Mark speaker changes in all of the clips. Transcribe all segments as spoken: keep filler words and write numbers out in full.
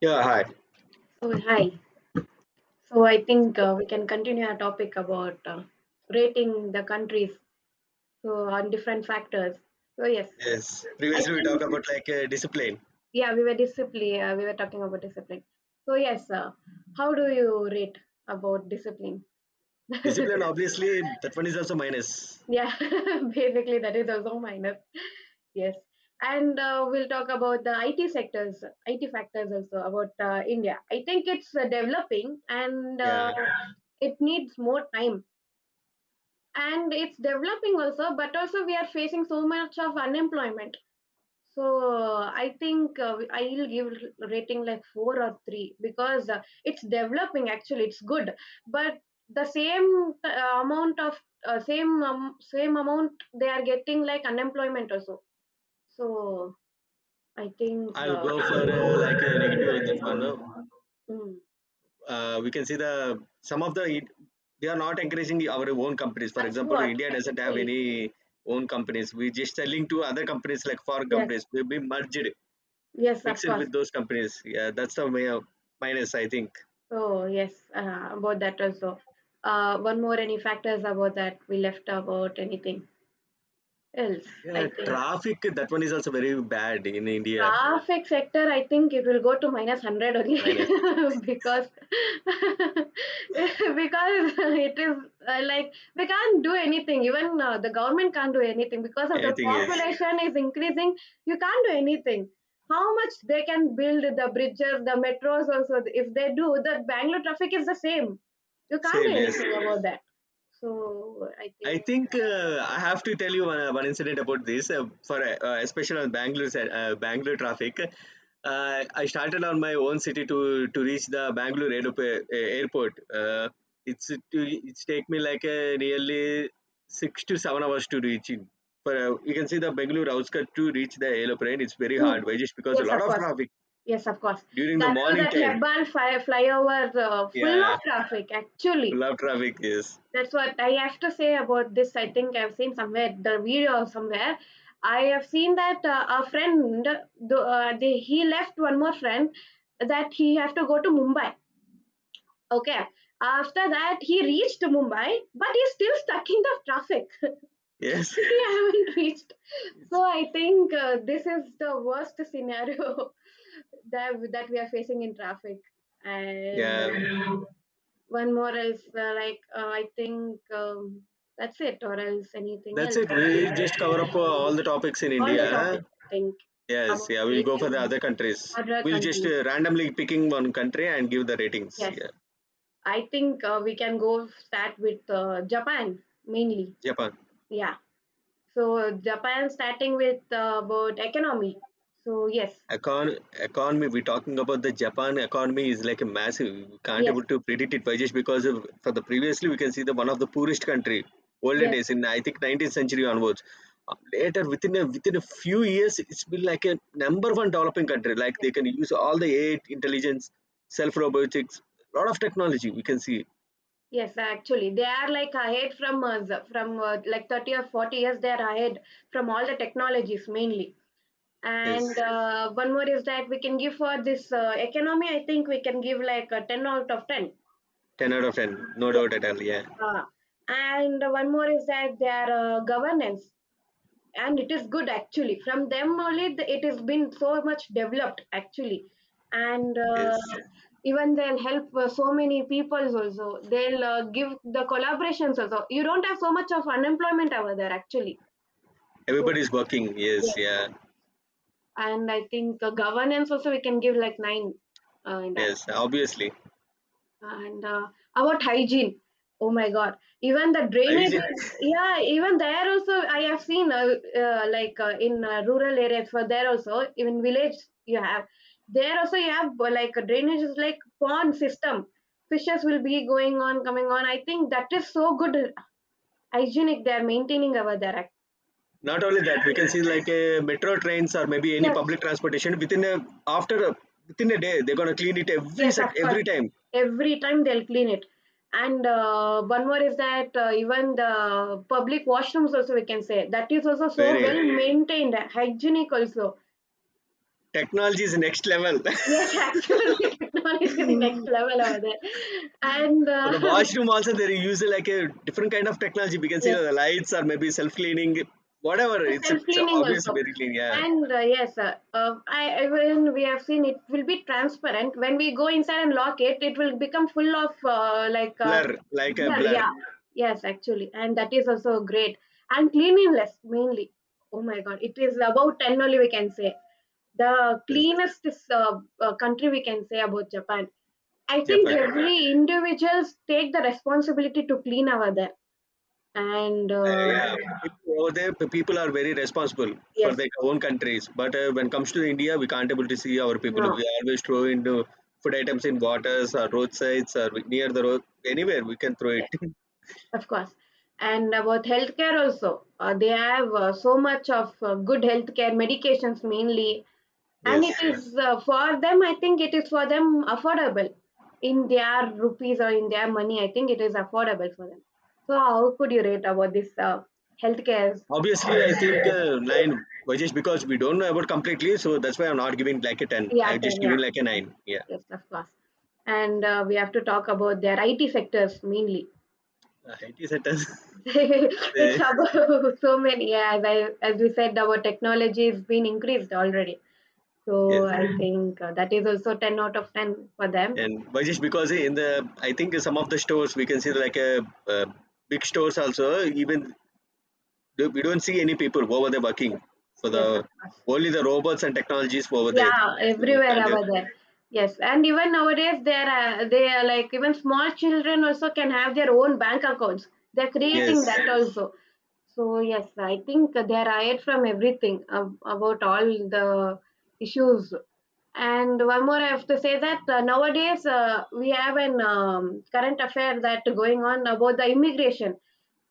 Speaker 1: Yeah, hi.
Speaker 2: Oh, hi. So I think uh, we can continue our topic about uh, rating the countries, so on different factors. So yes,
Speaker 1: Yes.
Speaker 2: I
Speaker 1: Previously we
Speaker 2: think
Speaker 1: talked about like uh, discipline.
Speaker 2: yeah, we were discipline. Uh, we were talking about discipline. So yes, uh, how do you rate about discipline?
Speaker 1: Discipline, obviously, that one is also minus.
Speaker 2: yeah, basically that is also minus. Yes, and uh, we'll talk about the I T sectors, I T factors, also about uh, India. I think it's uh, developing, and uh,
Speaker 1: Yeah,
Speaker 2: it needs more time, and it's developing also, but also we are facing so much of unemployment. So i think uh, I will give rating like four or three, because uh, it's developing, actually it's good, but the same uh, amount of uh, same um, same amount they are getting, like unemployment also. so i think
Speaker 1: I'll
Speaker 2: uh,
Speaker 1: go for uh, like a negative with that one. No?
Speaker 2: mm,
Speaker 1: Uh, we can see the some of the it- they are not encouraging the- our own companies. For
Speaker 2: that's
Speaker 1: example,
Speaker 2: what,
Speaker 1: India doesn't have
Speaker 2: actually.
Speaker 1: any own companies. We just selling to other companies like foreign
Speaker 2: Yes,
Speaker 1: companies. We'll be merged,
Speaker 2: yes, of
Speaker 1: mixed
Speaker 2: course.
Speaker 1: with those companies. Yeah, that's the way of minus, I think.
Speaker 2: Oh, yes, uh, about that also. Uh, one more, any factors about that we left, about anything else,
Speaker 1: Yeah,
Speaker 2: I think.
Speaker 1: traffic. That one is also very bad in India.
Speaker 2: Traffic sector, I think it will go to minus hundred only
Speaker 1: Minus
Speaker 2: because because it is uh, like we can't do anything. Even uh, the government can't do anything, because of the
Speaker 1: anything is
Speaker 2: population is increasing. You can't do anything. How much they can build the bridges, the metros also. If they do, the Bangalore traffic is the same. You can't
Speaker 1: same.
Speaker 2: do
Speaker 1: Yes.
Speaker 2: anything about that. So I
Speaker 1: I
Speaker 2: think.
Speaker 1: think uh, I have to tell you one, uh, one incident about this, uh, for uh, uh, especially on Bangalore side- uh, Bangalore traffic. Uh, I started on my own city to to reach the Bangalore aerop- uh, airport. Uh, it's to, it's take me like uh, nearly six to seven hours to reach in. For uh, you can see the Bangalore outskirts to reach the airplane. It's very
Speaker 2: Mm,
Speaker 1: hard, why? Just because a
Speaker 2: yes,
Speaker 1: lot
Speaker 2: of
Speaker 1: of
Speaker 2: course.
Speaker 1: traffic
Speaker 2: Yes, of course.
Speaker 1: during the
Speaker 2: That too,
Speaker 1: morning
Speaker 2: that
Speaker 1: time.
Speaker 2: Hebban fly, flyover uh, full of
Speaker 1: Yeah,
Speaker 2: traffic. Actually,
Speaker 1: full of traffic. Yes,
Speaker 2: that's what I have to say about this. I think I've seen somewhere the video somewhere. I have seen that uh, a friend, the, uh, the, he left one more friend that he have to go to Mumbai. Okay, after that he reached Mumbai, but he's still stuck in the traffic.
Speaker 1: yes,
Speaker 2: He haven't reached. So I think uh, this is the worst scenario, that that we are facing in traffic, and
Speaker 1: yeah.
Speaker 2: um, one more is uh, like uh, I think um, that's it, or else anything
Speaker 1: That's
Speaker 2: else,
Speaker 1: it. We just cover up uh, all the topics in
Speaker 2: all the
Speaker 1: India.
Speaker 2: topics, I think.
Speaker 1: Yes,
Speaker 2: About
Speaker 1: yeah, we'll
Speaker 2: race
Speaker 1: go for
Speaker 2: and
Speaker 1: the other countries.
Speaker 2: other
Speaker 1: We'll just
Speaker 2: countries,
Speaker 1: uh, randomly picking one country and give the ratings.
Speaker 2: yes,
Speaker 1: Yeah,
Speaker 2: I think uh, we can go start with uh, Japan, mainly.
Speaker 1: Japan.
Speaker 2: Yeah, so Japan, starting with uh, about economy. So yes.
Speaker 1: Econ economy, we're talking about the Japan economy is like a massive. We can't able
Speaker 2: Yes.
Speaker 1: to predict it by just because of for the previously we can see the one of the poorest country olden
Speaker 2: Yes. Yes.
Speaker 1: days in I think nineteenth century onwards. Uh, Later within a within a few years, it's been like a number one developing country. Like they can use all the A I intelligence, self robotics, lot of technology. We can see
Speaker 2: Yes, actually, they are like ahead from us, from uh, like thirty or forty years, they are ahead from all the technologies, mainly. And
Speaker 1: yes,
Speaker 2: uh, one more is that we can give for this uh, economy, I think we can give like a ten out of ten.
Speaker 1: ten out of ten, no doubt at all. Yeah,
Speaker 2: Yeah. And one more is that their uh, governance, and it is good actually. From them only, the, it has been so much developed actually. And uh,
Speaker 1: yes,
Speaker 2: even they'll help uh, so many peoples also. They'll uh, give the collaborations also. You don't have so much of unemployment over there actually. So
Speaker 1: everybody's working. Yes,
Speaker 2: yes,
Speaker 1: yeah,
Speaker 2: and I think uh, governance also we can give like nine, uh, in that.
Speaker 1: yes, obviously.
Speaker 2: And, uh, about hygiene, oh my God, even the drainage
Speaker 1: Ayush,
Speaker 2: is, yeah, even there also, I have seen, uh, uh, like uh, in uh, rural areas, for there also, even village you have, there also you have uh, like a drainage is like pond system. Fishes will be going on, coming on. I think that is so good, hygienic they are maintaining over there.
Speaker 1: not only that we can see like a metro trains or maybe any
Speaker 2: Yes.
Speaker 1: public transportation within a after a, within a day they're going to clean it every
Speaker 2: Yes, of
Speaker 1: sec
Speaker 2: course.
Speaker 1: every time
Speaker 2: Every time they'll clean it. And uh, one more is that uh, even the public washrooms also we can say that is also so
Speaker 1: very
Speaker 2: well maintained, hygienic also.
Speaker 1: technology is next level
Speaker 2: Yes, actually technology is next level over there. And
Speaker 1: for
Speaker 2: uh,
Speaker 1: the washroom also they use uh, like a different kind of technology we can see
Speaker 2: yes.
Speaker 1: the lights or maybe self cleaning whatever
Speaker 2: Yes,
Speaker 1: it's, it's
Speaker 2: self-cleaning
Speaker 1: obvious
Speaker 2: also.
Speaker 1: very clean yeah
Speaker 2: And uh, yes, uh, uh, I, even we have seen, it will be transparent. When we go inside and lock it, it will become full of uh, like uh,
Speaker 1: blur like a
Speaker 2: blur.
Speaker 1: blur.
Speaker 2: Yeah, yes, actually, and that is also great, and cleanliness mainly. Oh my God, it is about ten only, we can say the
Speaker 1: Yes,
Speaker 2: cleanest is, uh, uh, country we can say, about Japan. I think
Speaker 1: Japan, yeah.
Speaker 2: every individuals take the responsibility to clean over there. And
Speaker 1: Uh,
Speaker 2: uh,
Speaker 1: yeah, the people over there, the people are very responsible for
Speaker 2: yes,
Speaker 1: their own countries. But uh, when it comes to India, we can't able to see our people.
Speaker 2: no. Yeah.
Speaker 1: We always throw into food items in waters or roadsides or near the road, anywhere we can throw it.
Speaker 2: Of course. And about healthcare also, uh, they have uh, so much of uh, good healthcare medications mainly, and it
Speaker 1: Yes.
Speaker 2: is uh, for them, I think it is for them affordable in their rupees, or in their money. I think it is affordable for them. So how could you rate about this uh, healthcare?
Speaker 1: Obviously, I think uh, nine, well, just because we don't know about completely, so that's why I'm not giving like a ten.
Speaker 2: Yeah,
Speaker 1: I'm
Speaker 2: ten.
Speaker 1: just giving
Speaker 2: Yeah,
Speaker 1: like a nine. Yeah.
Speaker 2: yes, of course. And uh, we have to talk about their I T sectors mainly.
Speaker 1: Uh, it is a ten. So,
Speaker 2: It's about so many. Yeah, as I as we said, our technology has been increased already. So
Speaker 1: yes.
Speaker 2: I think uh, that is also ten out of ten for them.
Speaker 1: And but just because in the, I think some of the stores we can see like a, uh, big stores also, even Do- we don't see any people over there working
Speaker 2: Yes,
Speaker 1: for
Speaker 2: yes, of
Speaker 1: the
Speaker 2: course.
Speaker 1: only the robots and technologies over there.
Speaker 2: Yeah,
Speaker 1: So we
Speaker 2: everywhere
Speaker 1: can't, uh,
Speaker 2: over there. Yes, and even nowadays they are uh, they are like, even small children also can have their own bank accounts. They're
Speaker 1: yes.
Speaker 2: creating that also. So yes, I think they are hired from everything ab- about all the issues. And one more, I have to say that uh, nowadays uh, we have an um, current affair that going on about the immigration.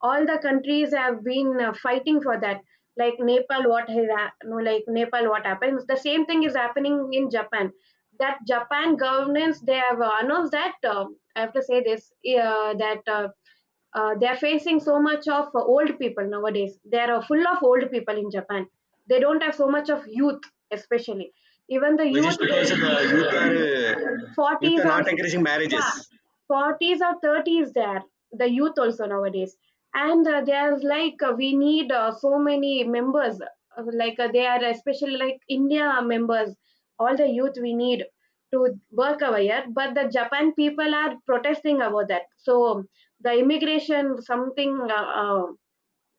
Speaker 2: All the countries have been uh, fighting for that. Like Nepal, what has hap- no, like Nepal, what happens? The same thing is happening in Japan. That Japan governance, they have uh, announced that uh, I have to say this uh, that. Uh, uh, they're facing so much of uh, old people nowadays. They're uh, full of old people in Japan. They don't have so much of youth, especially. Even the
Speaker 1: Well,
Speaker 2: youth,
Speaker 1: just because
Speaker 2: they
Speaker 1: of the youth are uh, youth
Speaker 2: forties
Speaker 1: are
Speaker 2: or
Speaker 1: not encouraging
Speaker 2: yeah,
Speaker 1: marriages,
Speaker 2: forties or thirties. There, the youth also nowadays, and uh, they're like, uh, we need uh, so many members. Uh, like uh, they are especially like India members, all the youth we need to work over here. But the Japan people are protesting about that. So the immigration something uh, uh,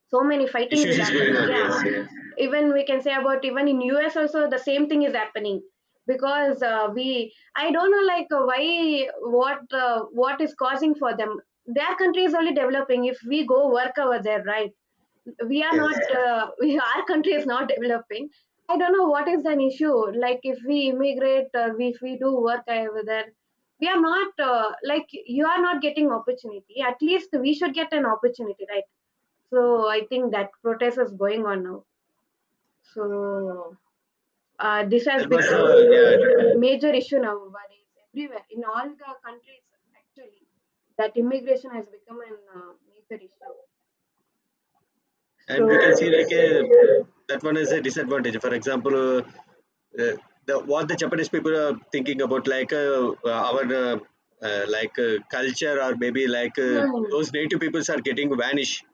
Speaker 2: so many fightings
Speaker 1: issues
Speaker 2: is
Speaker 1: is going
Speaker 2: happening,
Speaker 1: on, yes, yeah,
Speaker 2: yeah. Even we can say about, even in us also the same thing is happening, because uh, we, I don't know like uh, why, what uh, what is causing for them. Their country is only developing, if we go work over there, right? We are not
Speaker 1: yes,
Speaker 2: uh, we, our country is not developing. I don't know what is an issue. Like, if we immigrate, uh, we, if we do work over there, we are not uh, like, you are not getting opportunity. At least we should get an opportunity, right? So I think that protest is going on now. So uh, this has
Speaker 1: that was
Speaker 2: become
Speaker 1: the, yeah,
Speaker 2: a major issue now, but it's everywhere in all the countries actually. That immigration has become a uh, major issue. So,
Speaker 1: and we can see like a that one is a disadvantage for example uh, uh, the what the Japanese people are thinking about like uh, uh, our uh, uh, like uh, culture or maybe like uh,
Speaker 2: hmm,
Speaker 1: those native peoples are getting vanished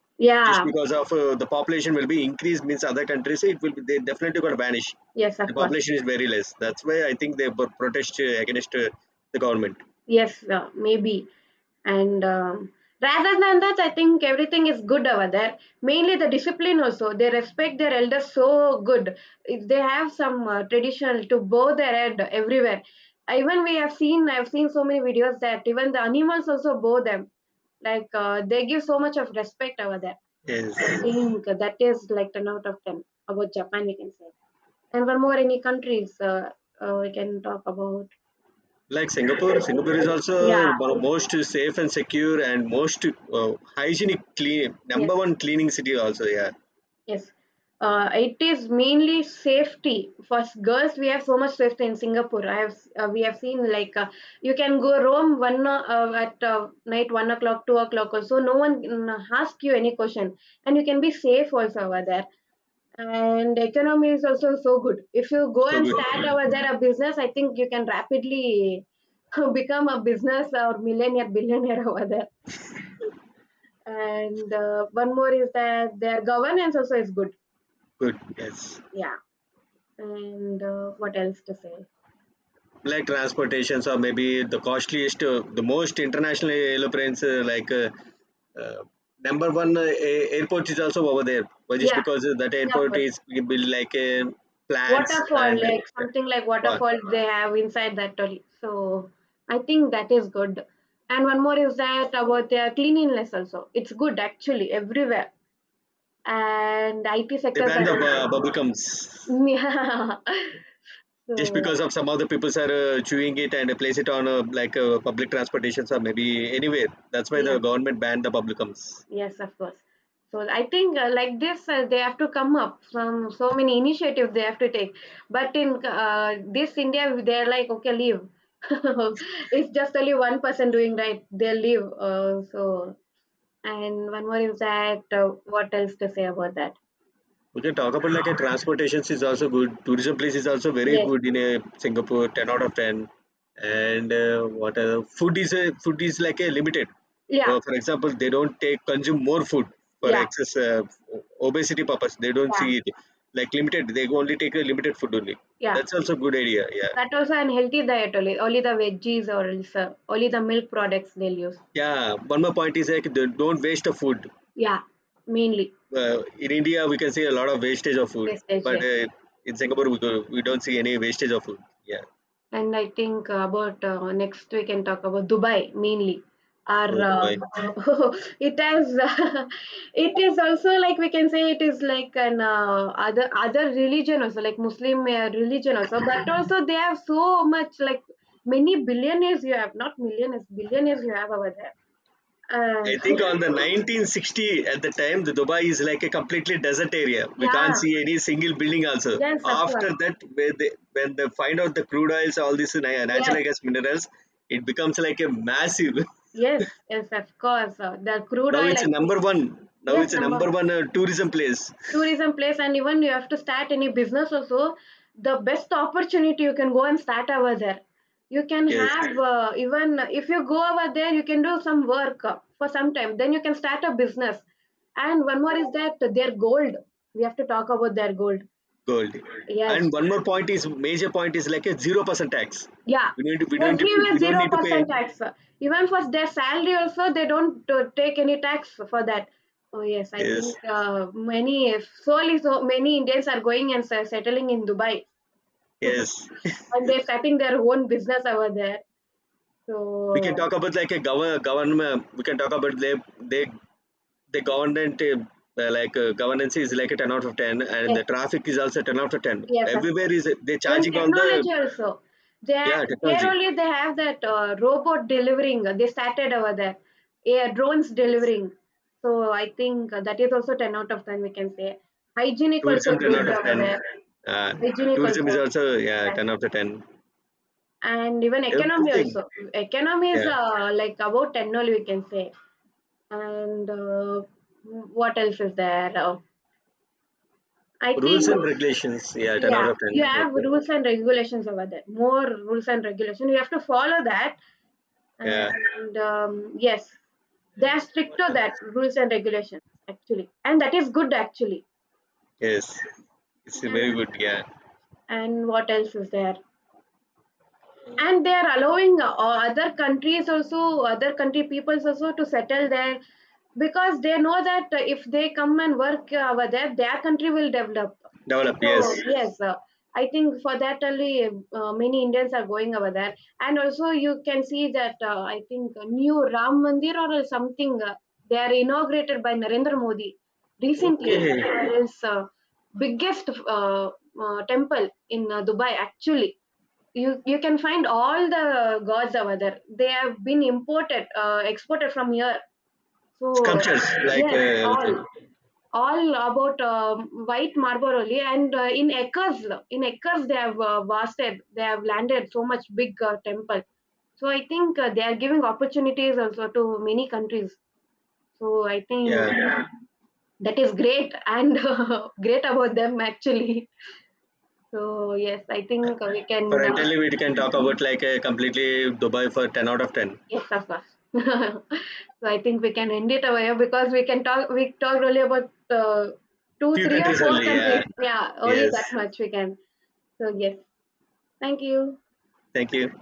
Speaker 1: just
Speaker 2: yeah,
Speaker 1: because of uh, the population will be increased means other countries it will be, they definitely going to vanish,
Speaker 2: yes, of
Speaker 1: the
Speaker 2: course.
Speaker 1: population is very less, that's why I think they pro- protest uh, against uh, the government.
Speaker 2: Yes, uh, maybe. And um, rather than that, I think everything is good over there. Mainly the discipline also. They respect their elders so good. If they have some uh, traditional to bow their head everywhere. Even we have seen, I've seen so many videos that even the animals also bow them. Like uh, they give so much of respect over there. I
Speaker 1: Yes,
Speaker 2: think that is like ten out of ten about Japan, we can say. And one more, any countries uh, uh, we can talk about.
Speaker 1: like Singapore, singapore is also
Speaker 2: Yeah.
Speaker 1: one of most safe and secure and most uh, hygienic clean
Speaker 2: Yes.
Speaker 1: number one cleaning city also, yeah,
Speaker 2: Yes, uh, it is mainly safety. For s- girls, we have so much safety in Singapore. I have s- uh, we have seen like uh, you can go roam one o- uh, at uh, night, one o'clock, two o'clock also. No one can uh, ask you any question, and you can be safe also over there. And economy is also so good. If you go
Speaker 1: so
Speaker 2: and
Speaker 1: good,
Speaker 2: start
Speaker 1: yeah,
Speaker 2: over there a business, I think you can rapidly become a business or millionaire, billionaire over there. And uh, one more is that their governance also is good.
Speaker 1: good, yes,
Speaker 2: Yeah. And uh, what else to say?
Speaker 1: like transportations or maybe the costliest uh, the most international airplanes uh, like uh, uh, number one uh, a- airport is also over there but just
Speaker 2: Yeah,
Speaker 1: because uh, that airport
Speaker 2: Singapore.
Speaker 1: is built like uh, plants
Speaker 2: Waterfall,
Speaker 1: and uh,
Speaker 2: like,
Speaker 1: yeah.
Speaker 2: something like
Speaker 1: Wow.
Speaker 2: waterfalls they have inside that trolley. So I think that is good. And one more is that about their cleanliness also. It's good actually everywhere. And I T
Speaker 1: They
Speaker 2: sectors
Speaker 1: ban
Speaker 2: are
Speaker 1: the bu-
Speaker 2: also.
Speaker 1: bubblegums
Speaker 2: Yeah.
Speaker 1: just
Speaker 2: So
Speaker 1: because of some other people are uh, chewing it and place it on uh, like uh, public transportations or maybe anywhere. That's why
Speaker 2: yeah.
Speaker 1: the government banned the publicums.
Speaker 2: Yes, of course. So I think uh, like this, uh, they have to come up from, so many initiatives they have to take. But in uh, this India, they're like, okay, leave. It's just only one person doing, right? They leave. Uh, so, and one more is that uh, what else to say about that?
Speaker 1: We can talk about like a transportations is also good. Tourism place is also very
Speaker 2: Yes.
Speaker 1: good in a Singapore, ten out of ten. And uh, what other food is a food is like a limited.
Speaker 2: Yeah.
Speaker 1: Uh, for example, they don't take consume more food for
Speaker 2: Yeah.
Speaker 1: excess uh, obesity purpose. They don't
Speaker 2: Yeah.
Speaker 1: see it like limited. They only take a limited food only.
Speaker 2: Yeah.
Speaker 1: That's also good idea. Yeah.
Speaker 2: That also unhealthy diet only. Only the veggies, or else, uh, only the milk products they'll use.
Speaker 1: Yeah, one more point is like don't don't waste the food.
Speaker 2: Yeah. Mainly.
Speaker 1: Uh, in India, we can see a lot of wastage of food,
Speaker 2: Yes. Yes.
Speaker 1: but
Speaker 2: Yes.
Speaker 1: uh, in Singapore, we, do, we don't see any wastage of food. Yeah.
Speaker 2: And I think uh, about uh, next we can talk about Dubai, mainly. Our
Speaker 1: So,
Speaker 2: uh,
Speaker 1: but
Speaker 2: it has it is also like, we can say it is like an uh, other other religion also, like Muslim uh, religion also, but also they have so much like, many billionaires you have, not millionaires, billionaires you have over there. Uh,
Speaker 1: I think on the nineteen sixty at the time, the Dubai is like a completely desert area. We can't
Speaker 2: yeah,
Speaker 1: see any single building also.
Speaker 2: yes, of course,
Speaker 1: After that, when they, when they find out the crude oils, all these na-
Speaker 2: yes,
Speaker 1: natural gas minerals, it becomes like a massive.
Speaker 2: yes, yes, of course. Uh, the crude
Speaker 1: Now
Speaker 2: oil,
Speaker 1: it's
Speaker 2: I
Speaker 1: a
Speaker 2: think,
Speaker 1: number one. Now
Speaker 2: yes,
Speaker 1: it's a
Speaker 2: number
Speaker 1: number
Speaker 2: one.
Speaker 1: one uh, tourism place.
Speaker 2: Tourism place, and even you have to start any business also, the best opportunity you can go and start over there. You can
Speaker 1: Yes.
Speaker 2: have, uh, even if you go over there, you can do some work uh, for some time, then you can start a business. And one more is that their gold, we have to talk about their gold.
Speaker 1: Gold,
Speaker 2: Yes.
Speaker 1: and one more point is major point is like a zero percent tax,
Speaker 2: Yeah,
Speaker 1: we need to, we don't need to,
Speaker 2: everywhere
Speaker 1: we don't
Speaker 2: zero
Speaker 1: need to pay,
Speaker 2: percent tax. Even for their salary also, they don't uh, take any tax for that. Oh yes, I think
Speaker 1: yes,
Speaker 2: uh, many, if solely so many Indians are going and se- settling in Dubai,
Speaker 1: yes,
Speaker 2: and they're starting their own business over there.
Speaker 1: we can
Speaker 2: So
Speaker 1: talk about like a govern government, we can talk about they they the government uh, uh, like uh, governance is like a ten out of ten and
Speaker 2: yes,
Speaker 1: the traffic is also ten out of ten
Speaker 2: yes, of
Speaker 1: everywhere
Speaker 2: course.
Speaker 1: is they
Speaker 2: Even
Speaker 1: charging on the
Speaker 2: technology also. There,
Speaker 1: yeah
Speaker 2: there
Speaker 1: technology,
Speaker 2: only, they have that uh, robot delivering, they started over there. Yeah, drones
Speaker 1: yes.
Speaker 2: delivering. So I think that is also ten out of ten, we can say. Hygienic
Speaker 1: Tourism
Speaker 2: also
Speaker 1: ten out
Speaker 2: good
Speaker 1: of
Speaker 2: over
Speaker 1: ten,
Speaker 2: there.
Speaker 1: uh,
Speaker 2: Hygienic
Speaker 1: tourism is
Speaker 2: also.
Speaker 1: also yeah
Speaker 2: Yeah.
Speaker 1: ten out of ten
Speaker 2: And even economy
Speaker 1: everything
Speaker 2: also. Economy is
Speaker 1: yeah
Speaker 2: uh, like about ten only, we can say. And uh, what else is there? Uh, I
Speaker 1: rules
Speaker 2: think,
Speaker 1: and regulations yeah ten out
Speaker 2: yeah,
Speaker 1: of ten,
Speaker 2: you have
Speaker 1: okay.
Speaker 2: rules and regulations over there. More rules and regulation you have to follow that,
Speaker 1: Yeah.
Speaker 2: and um, yes, they are
Speaker 1: What
Speaker 2: stricter, that
Speaker 1: else?
Speaker 2: rules and regulations actually, and that is good actually.
Speaker 1: Yes, it's a
Speaker 2: And
Speaker 1: very good. Yeah,
Speaker 2: and what else is there? And they are allowing uh, other countries also, other country peoples also, to settle there, because they know that uh, if they come and work uh, over there, their country will develop.
Speaker 1: develop.
Speaker 2: So
Speaker 1: Yes.
Speaker 2: yes, uh, I think for that only, uh, many Indians are going over there. And also you can see that uh, I think a new Ram Mandir or something uh, they are inaugurated by Narendra Modi recently.
Speaker 1: Okay.
Speaker 2: There is uh, biggest uh, uh, temple in uh, Dubai actually. You you can find all the gods over there. They have been imported, uh, exported from here. So
Speaker 1: Sculptures like uh,
Speaker 2: yes, all
Speaker 1: everything.
Speaker 2: all about um white marble only, and uh, in acres, in acres they have uh, vasted, they have landed so much big uh, temple. So I think uh, they are giving opportunities also to many countries. So I think
Speaker 1: Yeah.
Speaker 2: that is great, and great about them actually. So yes, I think uh, we
Speaker 1: For
Speaker 2: can uh,
Speaker 1: entirely, we can talk about like uh, completely Dubai for ten out of ten.
Speaker 2: yes, of course. So I think we can end it over here, because we can talk. We talked only about uh, two,
Speaker 1: Few
Speaker 2: three, or
Speaker 1: countries
Speaker 2: four
Speaker 1: only. Yeah.
Speaker 2: countries. Yeah, only
Speaker 1: Yes.
Speaker 2: that much we can. So yes, thank you.
Speaker 1: Thank you.